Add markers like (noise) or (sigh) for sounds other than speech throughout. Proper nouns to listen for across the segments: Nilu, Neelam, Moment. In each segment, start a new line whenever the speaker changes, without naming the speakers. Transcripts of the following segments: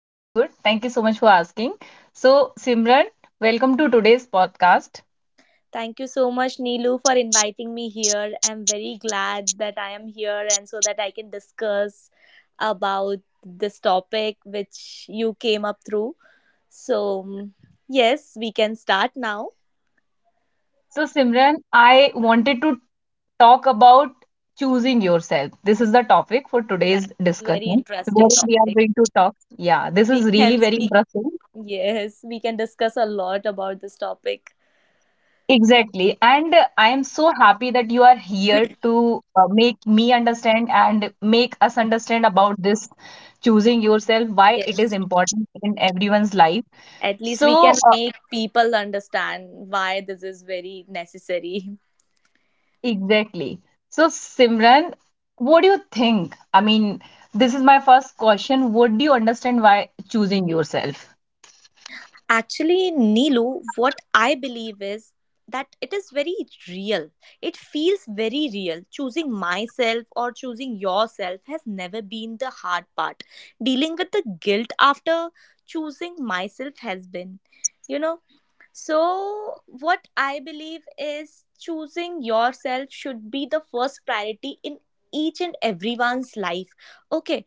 I am good. Thank you so much for asking. So, Simran, welcome to today's podcast.
Thank you so much Nilu for inviting me here. I'm very glad that I am here and so that I can discuss about this topic which you came up through. So, yes, we can start now.
So, Simran, I wanted to talk about choosing yourself. This is the topic for
That's
today's
a very
discussion. Where
interesting
we are
topic.
going to talk. Yeah, this
We
is really
can
very
speak.
interesting.
Yes, we can discuss a lot about this topic.
Exactly. And I am so happy that you are here to make me understand and make us understand about this choosing yourself, why it is
Yes.
important in everyone's life.
At least we
So,
can make people understand why this is very necessary.
exactly. So, Simran, what do you think? This is my first question. Would you understand why choosing yourself?
Actually, Nilu, what I believe is that it is very real. It feels very real. Choosing myself or choosing yourself has never been the hard part. Dealing with the guilt after choosing myself has been. You know, so, what I believe is choosing yourself should be the first priority in each and everyone's life. Okay,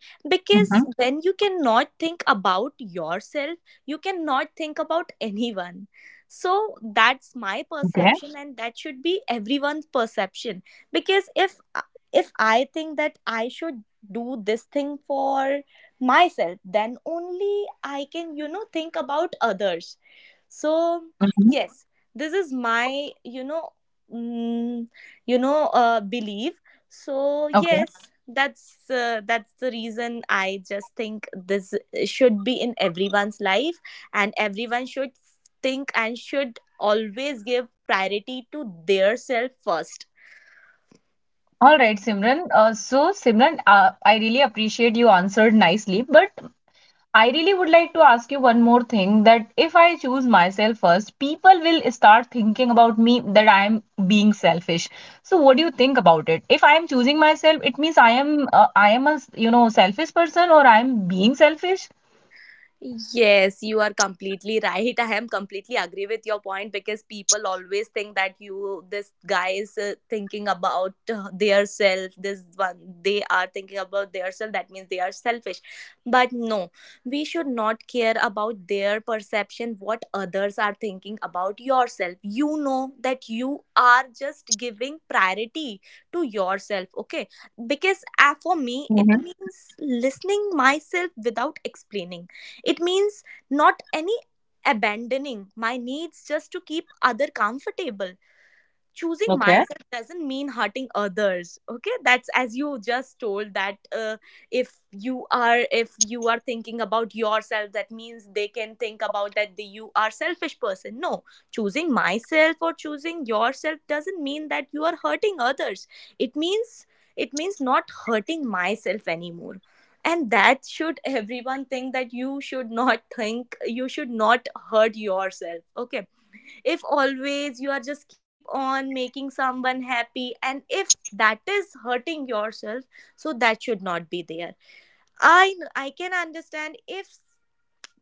Mm-hmm.
because when you cannot think about yourself, you cannot think about anyone. So, that's my
Okay.
perception, and that should be everyone's perception. Because if I think that I should do this thing for myself, then only I can, think about others. So,
Mm-hmm.
yes, this is my, mm, belief. So,
Okay.
yes, that's the reason I just think this should be in everyone's life, and everyone should think and should always give priority to their self first.
All right, Simran. So, Simran, I really appreciate you answered nicely, but I really would like to ask you one more thing that if I choose myself first, people will start thinking about me that I am being selfish. So what do you think about it? If I am choosing myself, it means I am a you know selfish person or I am being selfish?
Yes, you are completely right. (laughs) I am completely agree with your point because people always think that you, this guy is thinking about their self. This one, they are thinking about their self. That means they are selfish. But no, we should not care about their perception. What others are thinking about yourself. You know that you are just giving priority to yourself. Okay, because for me it means listening myself without explaining. It means not any abandoning my needs just to keep other comfortable. Choosing
Okay.
myself doesn't mean hurting others. Okay, that's as you just told that, if you are thinking about yourself, that means they can think about that you are selfish person. No, choosing myself or choosing yourself doesn't mean that you are hurting others. It means it means not hurting myself anymore. And that should everyone think, that you should not think, you should not hurt yourself. Okay, if always you are just keep on making someone happy and if that is hurting yourself, so that should not be there. I can understand if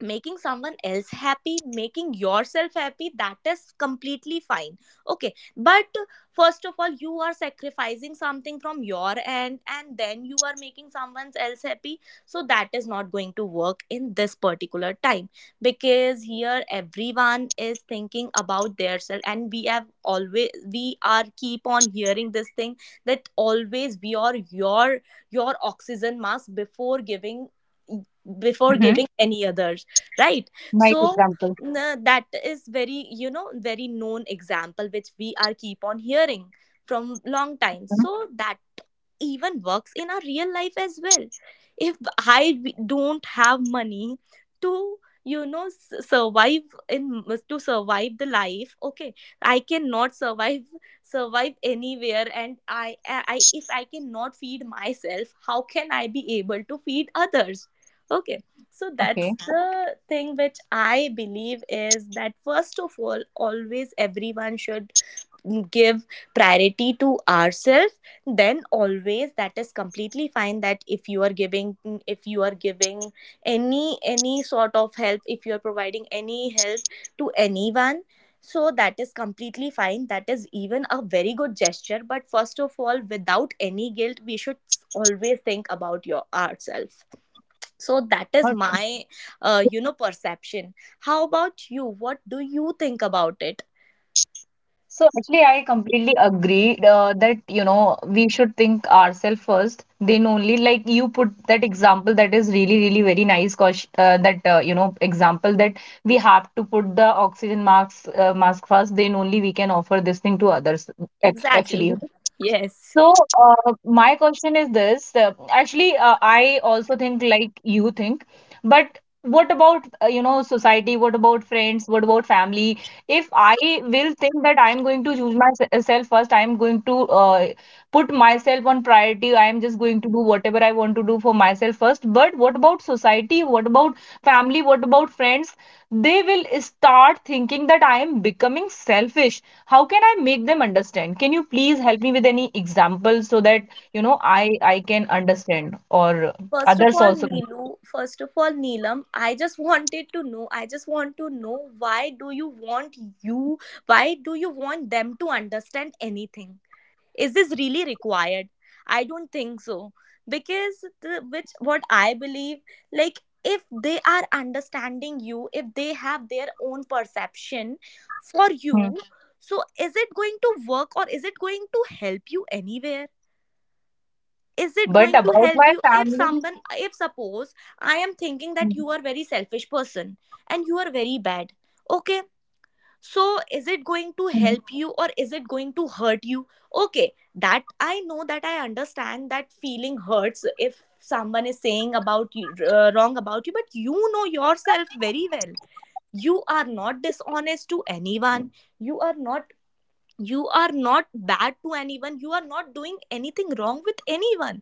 making someone else happy, making yourself happy, that is completely fine. Okay, but first of all you are sacrificing something from your end and then you are making someone else happy, so that is not going to work in this particular time. Because here everyone is thinking about their self, and we have always we are keep on hearing this thing, that always we are your oxygen mask before giving before
Mm-hmm.
giving any others, right?
Nice
So,
example.
that is very, very known example which we are keep on hearing from long time,
Hmm.
so that even works in our real life as well. If I don't have money to, survive, in to survive the life. Okay, I cannot survive anywhere, and if I cannot feed myself, how can I be able to feed others? Okay, so that's
Okay.
the thing which I believe is that first of all always everyone should give priority to ourselves. Then always that is completely fine, that if you are giving, if you are giving any sort of help, if you are providing any help to anyone, so that is completely fine, that is even a very good gesture. But first of all, without any guilt, we should always think about your ourselves. So that is my perception. How about you? What do you think about it?
So actually, I completely agree that you know we should think ourselves first. Then only like you put that example that is really really very nice. Cause that you know example that we have to put the oxygen mask mask first. Then only we can offer this thing to others. Act- Actually,
Exactly. (laughs) Yes.
so, my question is this. Actually, I also think like you think, but what about you know society? What about friends? What about family? If I will think that I'm going to choose myself first, I'm going to put myself on priority. I am just going to do whatever I want to do for myself first. But what about society? What about family? What about friends? They will start thinking that I am becoming selfish. How can I make them understand? Can you please help me with any examples so that you know I can understand or
First of
others
all,
also can.
Neelam, I just want to know, why do you want them to understand anything? Is this really required? I don't think so. Because, what I believe, like, if they are understanding you, if they have their own perception for
Hmm,
you, so is it going to work or is it going to help you anywhere? Is it
but
going to
about
help
my
you if
family.
someone if suppose I am thinking that
Hmm,
you are very selfish person, and you are very bad. Okay, so is it going to
hmm,
help you or is it going to hurt you? Okay, that I understand, that feeling hurts if someone is saying about you, wrong about you, but you know yourself very well. You are not dishonest to anyone. You are not you are not bad to anyone. You are not doing anything wrong with anyone.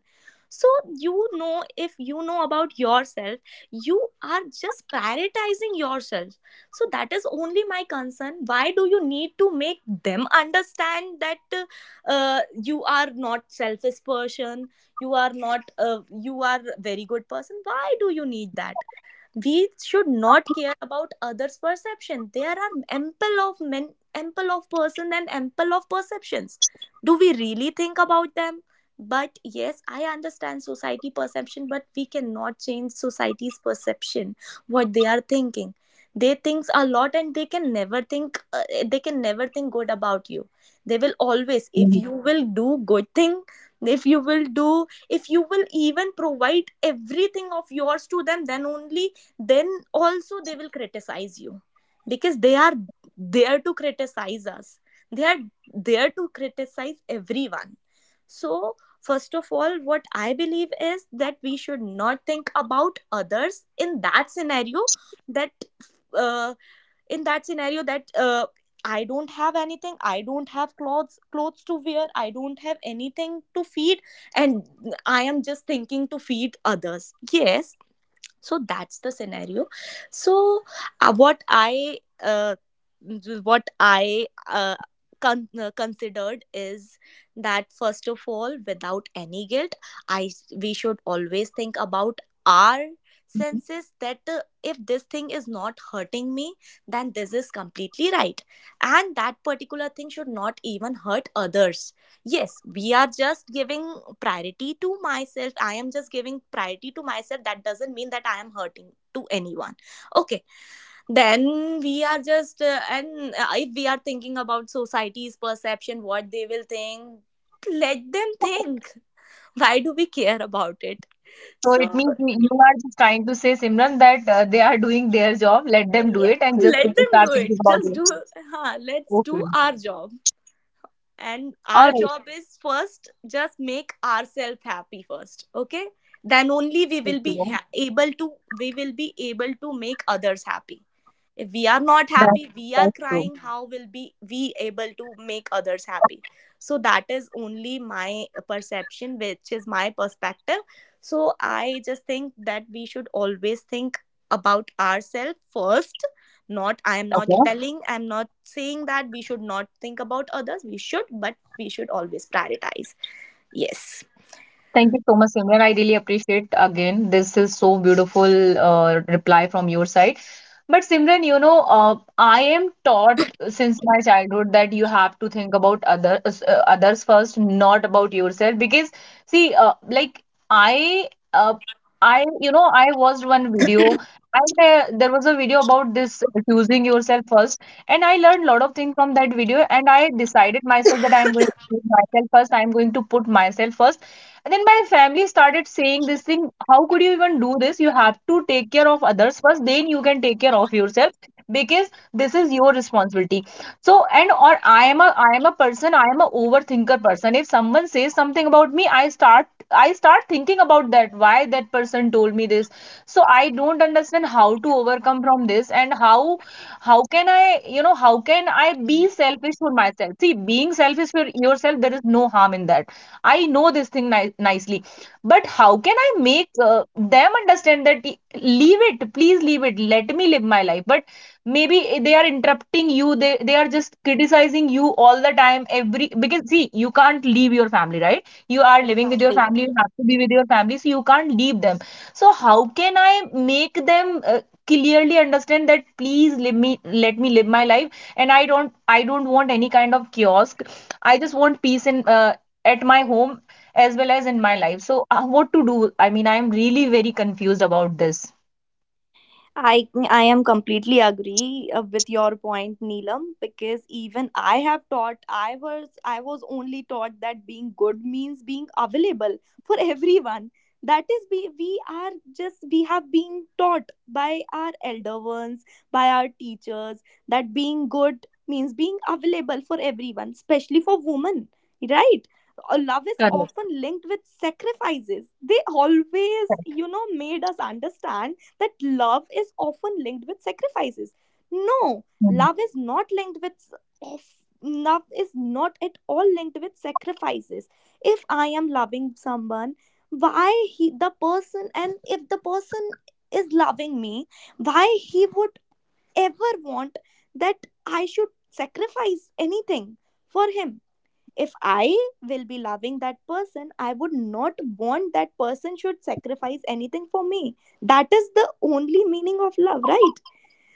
So, if you know about yourself, you are just prioritizing yourself. So that is only my concern, why do you need to make them understand that, you are not selfish person. You are not, you are very good person, why do you need that? We should not care about others perception. There are ample of men, ample of person, and ample of perceptions. Do we really think about them? But yes, I understand society perception, but we cannot change society's perception, what they are thinking. They think a lot, and they can never think good about you. They will always, if
hmm.
you will do good thing, if you will do if you will even provide everything of yours to them, then only, then also they will criticize you, because they are there to criticize us, they are there to criticize everyone. So first of all what I believe is that we should not think about others in that scenario. That uh, in that scenario, that, I don't have anything, I don't have clothes to wear, I don't have anything to feed, and I am just thinking to feed others, yes, so that's the scenario. So, uh, what i uh, what I con- considered is that first of all, without any guilt, I we should always think about our senses, that, if this thing is not hurting me, then this is completely right, and that particular thing should not even hurt others. Yes, we are just giving priority to myself I am just giving priority to myself, that doesn't mean that I am hurting to anyone. Okay, then we are just and if we are thinking about society's perception, what they will think, let them think. (laughs) Why do we care about it?
So it
So,
means you are just trying to say, Simran, that they are doing their job, let them do
yeah,
it and
let
just
them do
start
it,
thinking about
just do.
it.
(laughs) Huh, let's do
Okay,
our job, and our
all right.
job is first just make ourselves happy first. Okay, then only we will
Okay.
be able to make others happy. If we are not
That's,
happy, we are
that's true.
crying, how will be we able to make others happy? So that is only my perception, which is my perspective. So I just think that we should always think about ourselves first. Not,
Okay.
I'm not saying that we should not think about others, we should, but we should always prioritize. Yes.
Thank you so much, Simran. I really appreciate again. This is so beautiful reply from your side. But Simran, you know, I am taught since my childhood that you have to think about others, others first, not about yourself. Because see, like I, uh, I, you know, I watched one video, and there was a video about this choosing yourself first, and I learned a lot of things from that video, and I decided myself that I'm going to put myself first. I'm going to put myself first and then my family started saying this thing, how could you even do this? You have to take care of others first, then you can take care of yourself because this is your responsibility. So, and or I am a person, I am a overthinker person. If someone says something about me, I start thinking about that, why that person told me this. So I don't understand how to overcome from this and how can I, you know, how can I be selfish for myself? See, being selfish for yourself, there is no harm in that. I know this thing nicely, but how can I make them understand that leave it, please leave it, let me live my life? But maybe they are interrupting you, they are just criticizing you all the time, every because see, you can't leave your family, right? You are living with your family, you have to be with your family, so you can't leave them. So, how can I make them clearly understand that please let me live my life and I don't want any kind of kiosk. I just want peace and. At my home as well as in my life. So, what to do? I mean, I'm really very confused about this.
I am completely agree with your point, Neelam, because even I have taught I was only taught that being good means being available for everyone. That is, we are just we have been taught by our elder ones, by our teachers, that being good means being available for everyone, especially for women, right? Love is
Correct.
often linked with sacrifices. They always, made us understand that love is often linked with sacrifices. No,
Mm-hmm.
love is not linked with, of- love is not at all linked with sacrifices. If I am loving someone, why he the person, and if the person is loving me, why he would ever want that I should sacrifice anything for him? If I will be loving that person, I would not want that person should sacrifice anything for me. That is the only meaning of love, right?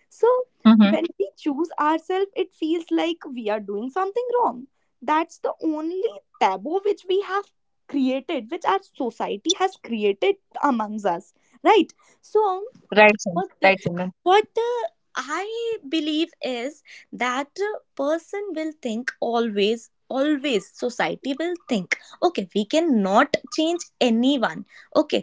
So
Mm-hmm.
when we choose ourselves, it feels like we are doing something wrong. That's the only taboo which we have created, which our society has created amongst us, right? So
Right, Sim.
what
Right, Simran.
what I believe is that person will think, always society will think, okay, we cannot change anyone. Okay,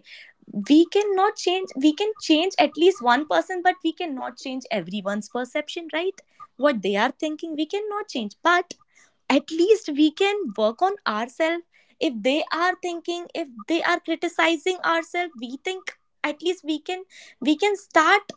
we cannot change, we can change at least one person, but we cannot change everyone's perception, right? What they are thinking we cannot change, but at least we can work on ourselves. If they are thinking, if they are criticizing ourselves, we think at least we can, we can start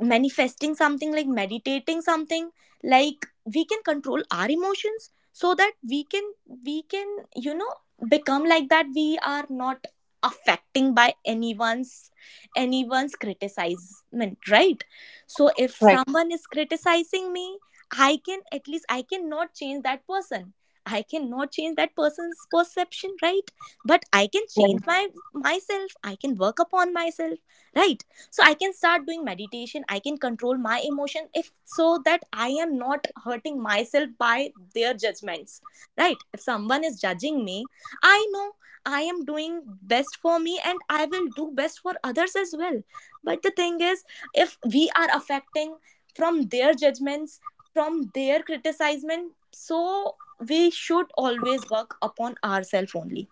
manifesting something, like meditating something, like we can control our emotions so that we can, we can become like that, we are not affecting by anyone's criticism, right? So if
Right,
someone is criticizing me, I can at least, I cannot change that person, I cannot change that person's perception, right? But I can change
right,
my myself, I can work upon myself, right? So I can start doing meditation, I can control my emotion, if so that I am not hurting myself by their judgments. Right, if someone is judging me, I know I am doing best for me and I will do best for others as well. But the thing is, if we are affecting from their judgments, from their criticism, so we should always work upon ourselves only.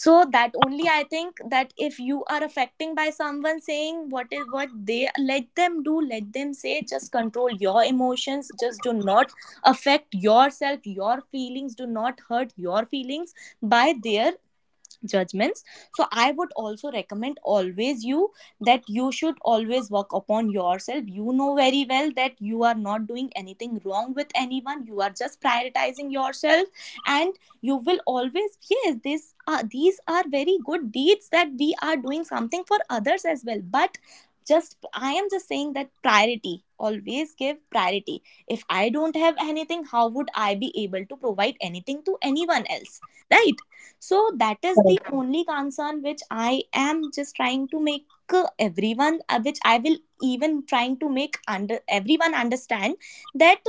So that only I think, that if you are affecting by someone saying what is what, they let them do, let them say, just control your emotions, just do not affect yourself, your feelings, do not hurt your feelings by their judgments. So I would also recommend always you, that you should always work upon yourself. You know very well that you are not doing anything wrong with anyone, you are just prioritizing yourself. And you will always, yes, this are, these are very good deeds that we are doing something for others as well, but just, I am just saying that priority, always give priority. If I don't have anything, how would I be able to provide anything to anyone else? Right, so that is
correct.
the
(laughs)
only concern which I am just trying to make everyone, which I will even trying to make under everyone understand, that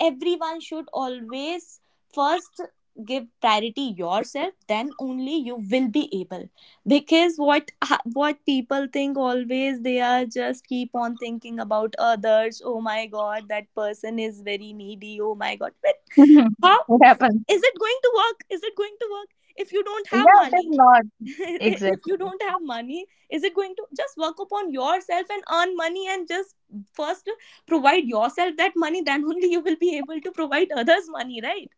everyone should always first give priority yourself, then only you will be able. Because what, what people think, always they are just keep on thinking about others. Oh my god, that person is very needy, oh my god,
Mhm.
how
It happens.
is it going to work? Is it going to work if you don't
Yeah,
have
it is
money?
not.
(laughs) If you
Exactly.
don't have money, is it going to just work upon yourself and earn money and just first provide yourself that money? Then (laughs) only you will be able to provide others money, right?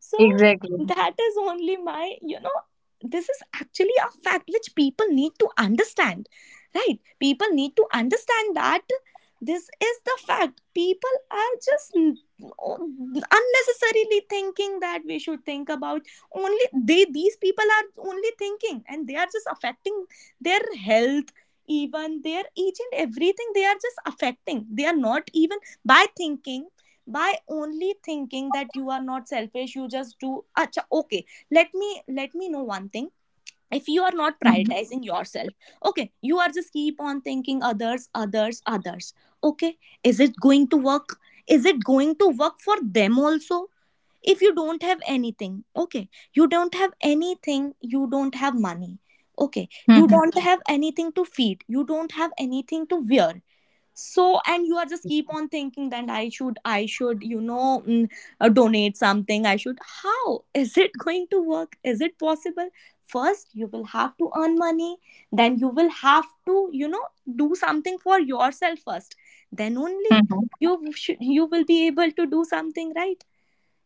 So
Exactly.
that is only my, this is actually a fact which people need to understand, right? People need to understand that this is the fact. People are just unnecessarily thinking that we should think about only, they, these people are only thinking and they are just affecting their health, even their each and everything they are just affecting, they are not even by thinking, by only thinking that you are not selfish, you just do. Acha, okay, let me, let me know one thing. If you are not
Mm-hmm.
prioritizing yourself, okay, you are just keep on thinking others, others, others, okay, is it going to work? Is it going to work for them also if you don't have anything? Okay, you don't have anything, you don't have money, okay, you
Mm-hmm.
don't have anything to feed, you don't have anything to wear. So and you are just keep on thinking that I should, I should, donate something, I should, how is it (laughs) going to work? Is it possible? First you will have to earn money, then you will have to, you know, do something for yourself first, then only
Mm.
you should, you will be able to do something, right?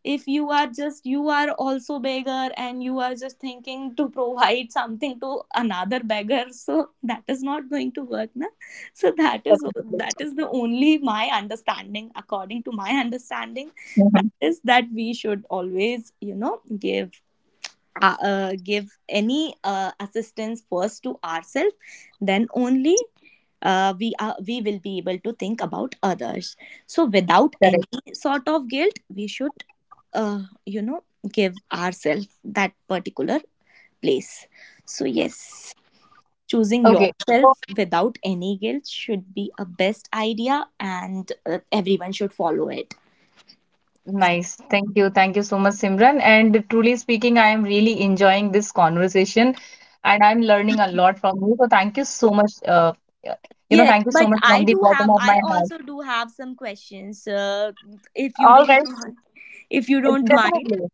If you are just, you are also beggar and you are just thinking to provide something to another beggar, so that is not going to work, na? So that is, that is the only my understanding, according to my understanding,
Mm-hmm.
that is, that we should always, you know, give, give any assistance first to ourselves, then only we are, we will be able to think about others. So without
Correct.
any sort of guilt, we should you know give ourselves that particular place. So yes, choosing
Okay.
yourself
So,
without any guilt should be a best idea, and everyone should follow it.
nice. Thank you. Thank you so much, Simran. And truly speaking, I am really enjoying this conversation and I'm learning a lot from you. So thank you so much. Uh, you know,
Yes,
thank you so
but
much
I
from the
do
bottom
have,
of
I
my heart.
also do have some questions, if you
All right.
don't mind. If you don't mind,
Definitely.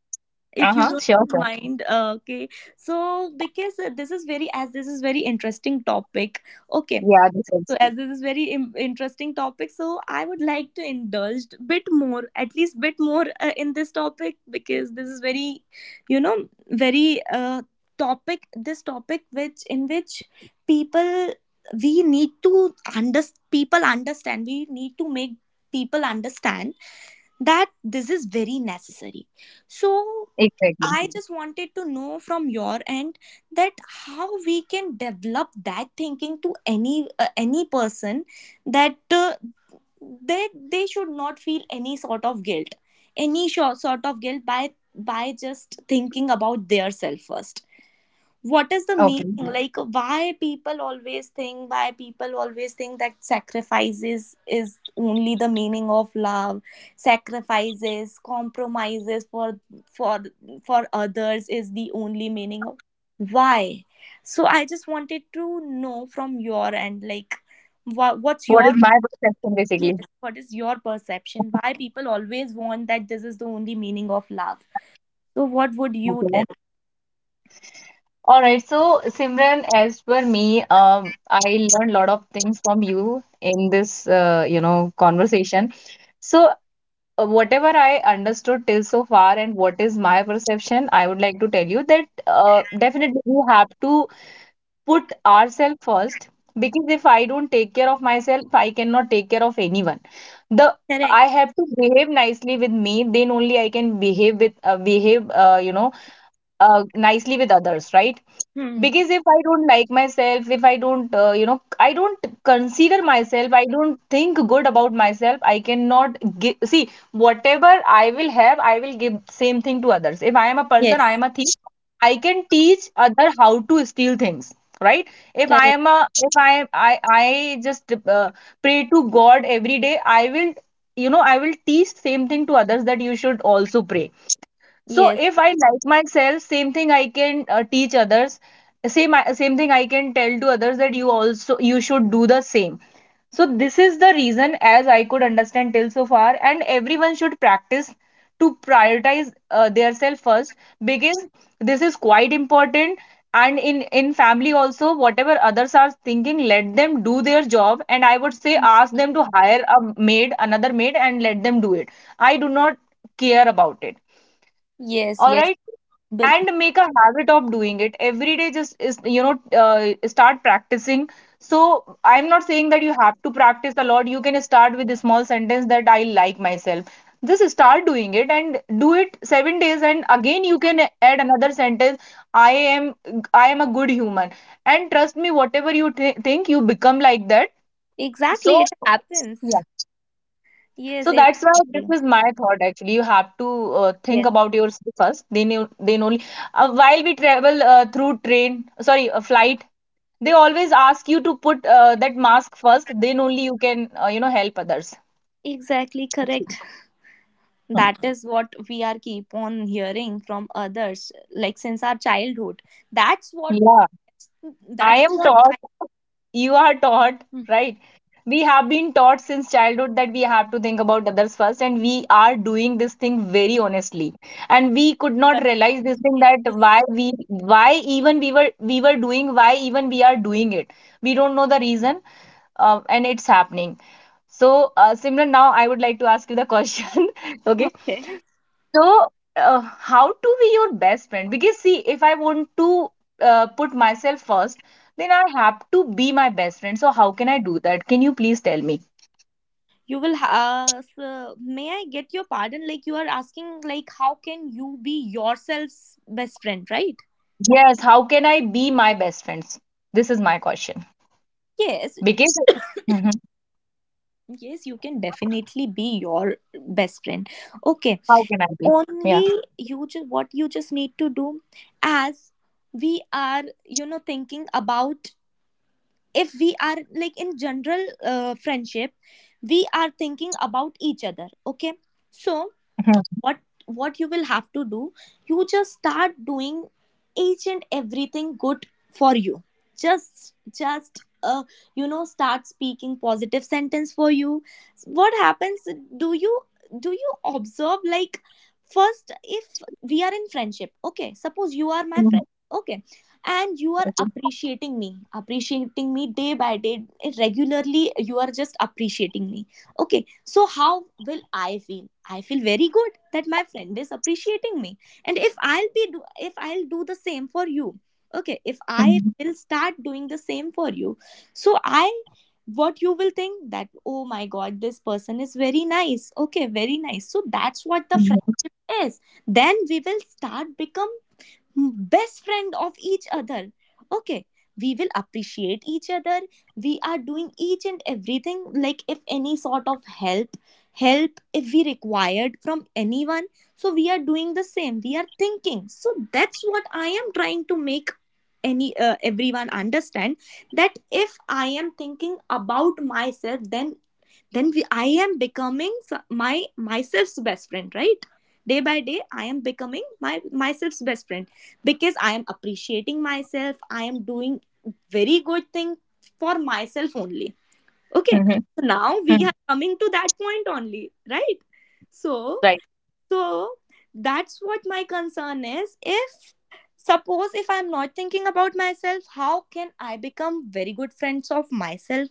if you
Uh-huh. Sure,
don't
sure.
mind, okay. So because this is very, as this is very interesting topic, okay,
Yeah, this
so
is
as this is very interesting topic, so I would like to indulge bit more, at least bit more, in this topic, because this is very, you know, very topic, this topic, which in which people, we need to under, people understand, we need to make people understand that this is very necessary. So
exactly.
I just wanted to know from your end that how we can develop that thinking to any person, that that they should not feel any sort of guilt, any sort of guilt by just thinking about their self first. What is the
Okay.
meaning, like why people always think, why people always think that sacrifices is only the meaning of love, sacrifices, compromises, for for others is the only meaning of, why? So I just wanted to know from your end, like, what, what's
What
your,
is my perception basically?
yes, what is your perception, why people always want that this is the only meaning of love? So what would you
Okay.
tell?
All right. So, Simran, as per me, I learned a lot of things from you in this, you know, conversation. So, whatever I understood till so far and what is my perception, I would like to tell you that definitely we have to put ourselves first because if I don't take care of myself, I cannot take care of anyone. The I
Correct.
have to behave nicely with me, then only I can behave with behave you know nicely with others, right?
Hmm.
Because if I don't like myself, if I don't you know, I don't consider myself, I don't think good about myself, I cannot give. See, whatever I will have I will give same thing to others. If I am a person, I
Yes.
am a thief, I can teach other how to steal things, right? if i
Correct.
am a if i i, I just pray to God every day, I will you know I will teach same thing to others, that you should also pray. So
Yes.
if I like myself, same thing I can teach others. Same thing I can tell to others that you also you should do the same. So this is the reason as I could understand till so far, and everyone should practice to prioritize their self first because this is quite important. And in family also, whatever others are thinking, let them do their job. And I would say
Mm.
ask them to hire a maid, another maid, and let them do it. I do not care about it,
Yes,
all
yes.
right,
But
and make a habit of doing it every day. Just is you know start practicing. So I'm not saying that you have to practice a lot. You can start with a small sentence that I like myself. Just start doing it and do it 7 days and again you can add another sentence, i am I am a good human, and trust me, whatever you think you become like that.
exactly,
So
it happens.
yeah.
Yes,
So
it-
that's why
exactly.
this is my thought actually. You have to think
Yes,
about yourself first. Then you, then only. While we travel through train, sorry, a flight, they always ask you to put that mask first. Then only you can you know help others.
exactly correct.
Hmm.
That is what we are keep on hearing from others, like since our childhood. That's what.
Yeah, I
That's
am
what
taught.
I.
You are taught,
Mm.
right? We have been taught since childhood that we have to think about others first and we are doing this thing very honestly, and we could not
But
realize this thing
yes.
that why we, why even we were doing, why even we are doing it. We don't know the reason. And it's happening. So Simran, now I would like to ask you the question. (laughs) Okay,
Okay.
so uh, how to be your best friend? Because see, if I want to put myself first, then I have to be my best friend. So how can I do that? Can you please tell me?
You will ask. May I get your pardon? Like you are asking, like how can you be yourself's best friend, right?
Yes, how can I be my best friends? This is my question.
Yes,
Because Mhm.
yes, you can definitely be your best friend. Okay,
How can I be? Yeah.
only you just what you just need to do, as we are, you know, thinking about, if we are like in general friendship, we are thinking about each other, okay? So
Mhm.
what what you will have to do, you just start doing each and everything good for you. Just, you know, start speaking positive sentence for you. What happens, do you, do you observe like, first if we are in friendship, okay, suppose you are my
Mhm.
friend, okay, and you are
Okay.
appreciating me, appreciating me day by day, regularly you are just appreciating me, okay, so, how will I feel? I feel very good that my friend is appreciating me. And if I'll be do, if I'll do the same for you, okay, if I
Mhm.
will start doing the same for you, so I, what you will think, that oh my god, this person is very nice, okay, very nice, so that's what the friend
Mhm.
is. Then we will start become best friend of each other, okay, we will appreciate each other, we are doing each and everything, like if any sort of help, help if we required from anyone, so we are doing the same, we are thinking. So that's what I am trying to make any everyone understand, that if I am thinking about myself, then we, I am becoming my myself's best friend, right? Day by day I am becoming my myself's best friend, because I am appreciating myself, I am doing very good thing for myself only, okay?
Mhm.
So now we
Mhm.
are coming to that point only, right? So
Right.
so that's what my concern is, if suppose if I'm not thinking about myself, how can I become very good friends of myself?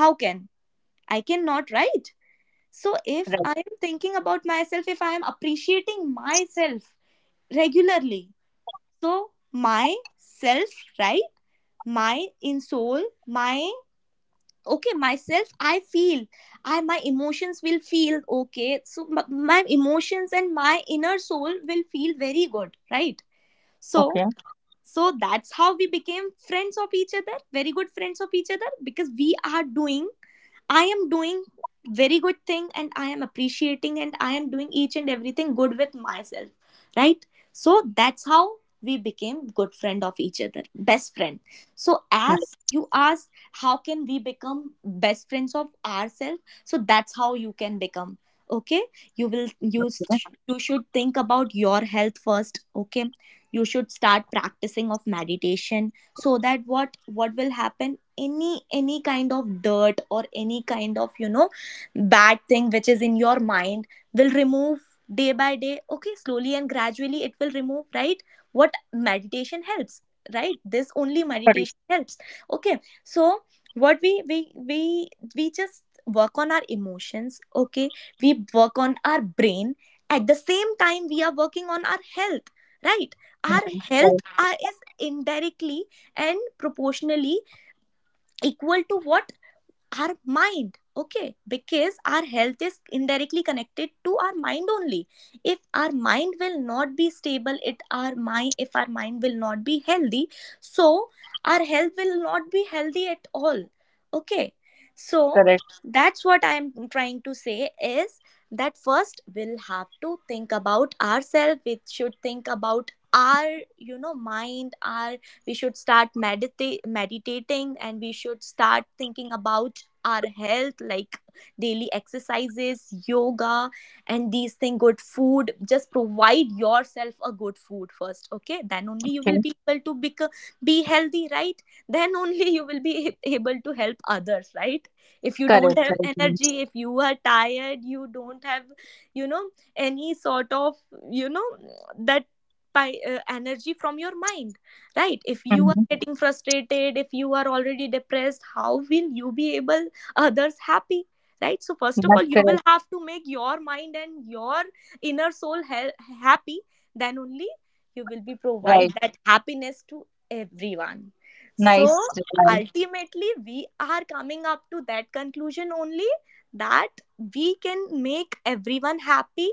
How can, I cannot, right? So if
Right.
I am thinking about myself, if I am appreciating myself regularly, so my self, right? My in soul, my, okay, myself, I feel, I, my emotions will feel okay. So my emotions and my inner soul will feel very good, right? So
Okay.
so that's how we became friends of each other, very good friends of each other, because we are doing, I am doing very good thing and I am appreciating, and I am doing each and everything good with myself, right? So that's how we became good friend of each other, best friend. So
Nice.
as you ask, how can we become best friends of ourselves? So that's how you can become. Okay, you will you,
Yeah.
you should think about your health first. Okay, you should start practicing of meditation so that what will happen, any kind of dirt or any kind of bad thing which is in your mind will remove day by day. Okay, slowly and gradually it will remove, right? What meditation helps, right? This only
Correct.
meditation helps. Okay, so what we just work on our emotions. Okay, we work on our brain. At the same time we are working on our health, right? Our health
Correct.
are, is indirectly and proportionally equal to what? Our mind. Okay, because our health is indirectly connected to our mind only. If our mind will not be stable, it our mind if our mind will not be healthy, so our health will not be healthy at all. Okay, so
Correct.
that's what I am trying to say is that first we'll have to think about ourselves. We should think about our, mind, our, we should start meditating, and we should start thinking about our health, like daily exercises, yoga, and these things. Good food, just provide yourself a good food first. Okay, then only you will
Okay.
be able to be healthy, right? Then only you will be (laughs) able to help others, right? If you don't
Correct.
have
Correct.
energy, if you are tired, you don't have, you know any sort of, you know that, by energy from your mind, right? If you are
Mm-hmm.
getting frustrated, if you are already depressed, how will you be able others happy, right? So first of all
That's
you will
correct.
have to make your mind and your inner soul happy. Then only you will be provide
Right.
that happiness to everyone. So
Nice reply.
ultimately we are coming up to that conclusion only, that we can make everyone happy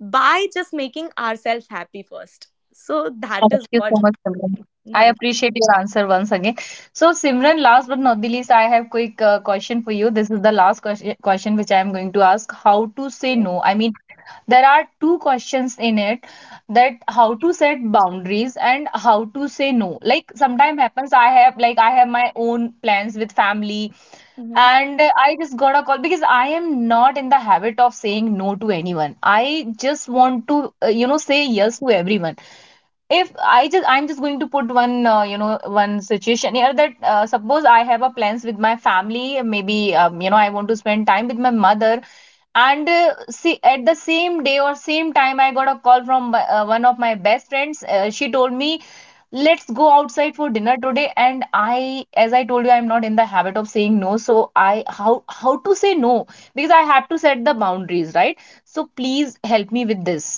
by just making ourselves happy first. So that
Thank
is
you
what
so much, Simran. I
my
appreciate your answer once again. So, Simran, last but not the least, I have quick question for you. This is the last question which I am going to ask. How to say no? I mean, there are two questions in it, that how to set boundaries and how to say no. Like sometimes happens, I have, like, I have my own plans with family and I just got a call. Because I am not in the habit of saying no to anyone, I just want to you know say yes to everyone. If I just, I'm just going to put one you know one situation here, that suppose I have a plans with my family, maybe you know I want to spend time with my mother, and see at the same day or same time I got a call from one of my best friends. She told me, let's go outside for dinner today. And I, as I told you, I'm not in the habit of saying no, so I, how to say no, because I have to set the boundaries, right? So please help me with this.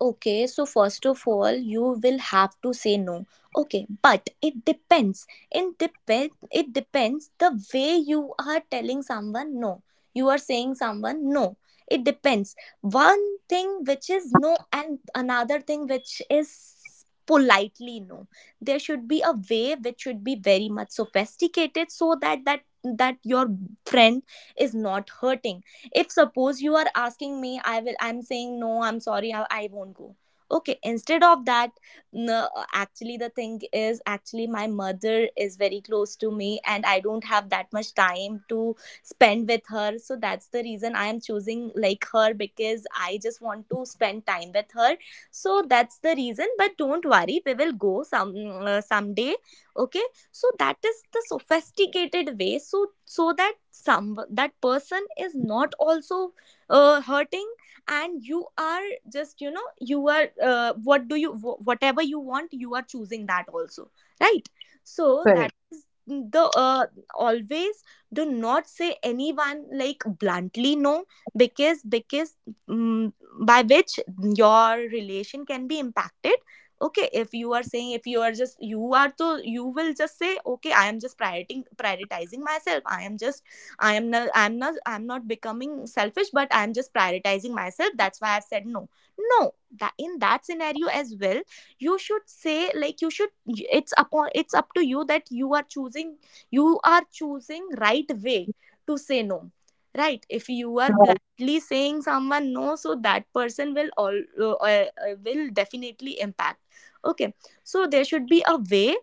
Okay, so first of all, you will have to say no. Okay, but it depends. It depends the way you are telling someone no. You are saying someone no. It depends. One thing which is no, and another thing which is politely no. There should be a way which should be very much sophisticated so that your friend is not hurting. If suppose you are asking me, I'm saying no, I'm sorry, I won't go. Okay, instead of that, no, actually the thing is, actually my mother is very close to me and I don't have that much time to spend with her, so that's the reason I am choosing like her, because I just want to spend time with her. So that's the reason, but don't worry, we will go some someday. Okay, so that is the sophisticated way, so that some that person is not also hurting, and you are just, you know, you are, what do you whatever you want, you are choosing that also, right? So that
Correct,
is the always, do not say anyone like bluntly no, because mm, by which your relation can be impacted. Okay, if you are saying, if you are just, you are to, you will just say, okay, I am just prioritizing myself, I am just, I'm not becoming selfish, but I am just prioritizing myself, that's why I've said no. No, that in that scenario as well, you should say like, you should, it's up to you that you are choosing, you are choosing right way to say no, right? If you are blindly saying someone no, so that person will all uh, uh, will definitely impact. Okay, so there should be a way,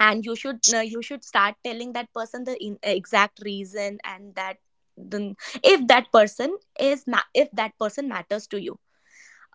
and you should start telling that person the exact reason, and that the, if that person is if that person matters to you,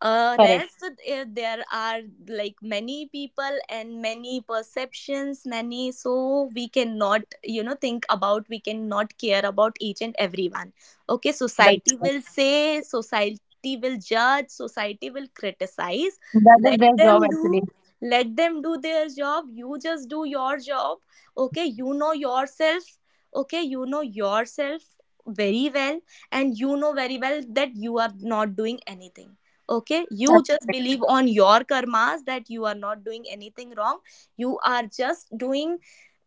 correct.
rest, there are like many people and many perceptions, many, so we cannot, you know, think about, we cannot care about each and everyone. Okay,
That,
society will say, society will judge, society will criticize.
that is
Let
their job
them
actually.
do, let them do their job, you just do your job. Okay, you know yourself. Okay, you know yourself very well, and you know very well that you are not doing anything. Okay, you just believe on your karmas that you are not doing anything wrong, you are just doing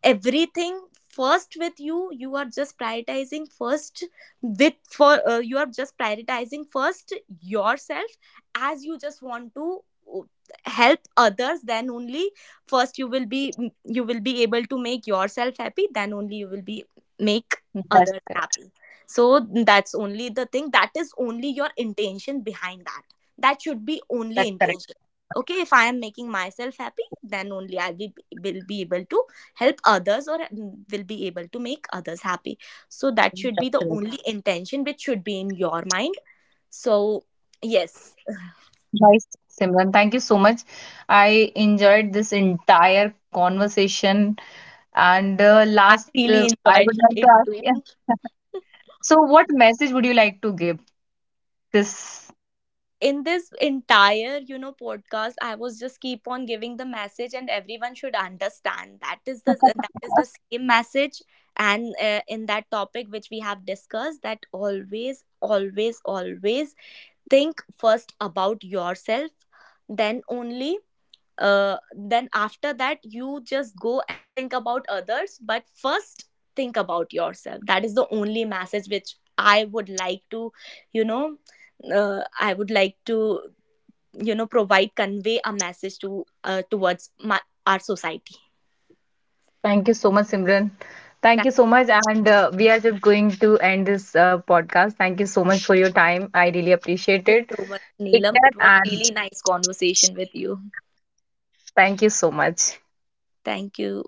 everything first with you, you are just prioritizing first, with for you are just prioritizing first yourself. As you just want to uh, help others, then only first you will be you will be able to make yourself happy, then only you will be make
That's
others happy. So that's only the thing, that is only your intention behind that, that should be only
that's correct.
intention. Okay, if I am making myself happy, then only will be able to help others, or will be able to make others happy. So that should be
That's
the
correct.
only intention which should be in your mind. So yes,
Nice, Simran. Thank you so much. I enjoyed this entire conversation. And
I
last,
really
I
enjoyed
would like to
it
ask, yeah.
too.
So, what message would you like to give this?
In this entire, you know, podcast I was just keep on giving the message, and everyone should understand that is the same message. And in that topic which we have discussed, that always, always, always think first about yourself, then only, then after that you just go (laughs) and think about others, but first think about yourself. That is the only message which I would like to, you know, I would like to, you know, provide convey a message to, towards our society.
Thank you so much, Simran. Thank you
Thanks
so much. And we are just going to end this podcast. Thank you so much for your time. I really appreciate it.
so much,
Take
Neelam,
care
it was
and
really nice conversation with you.
thank you so much.
Thank you.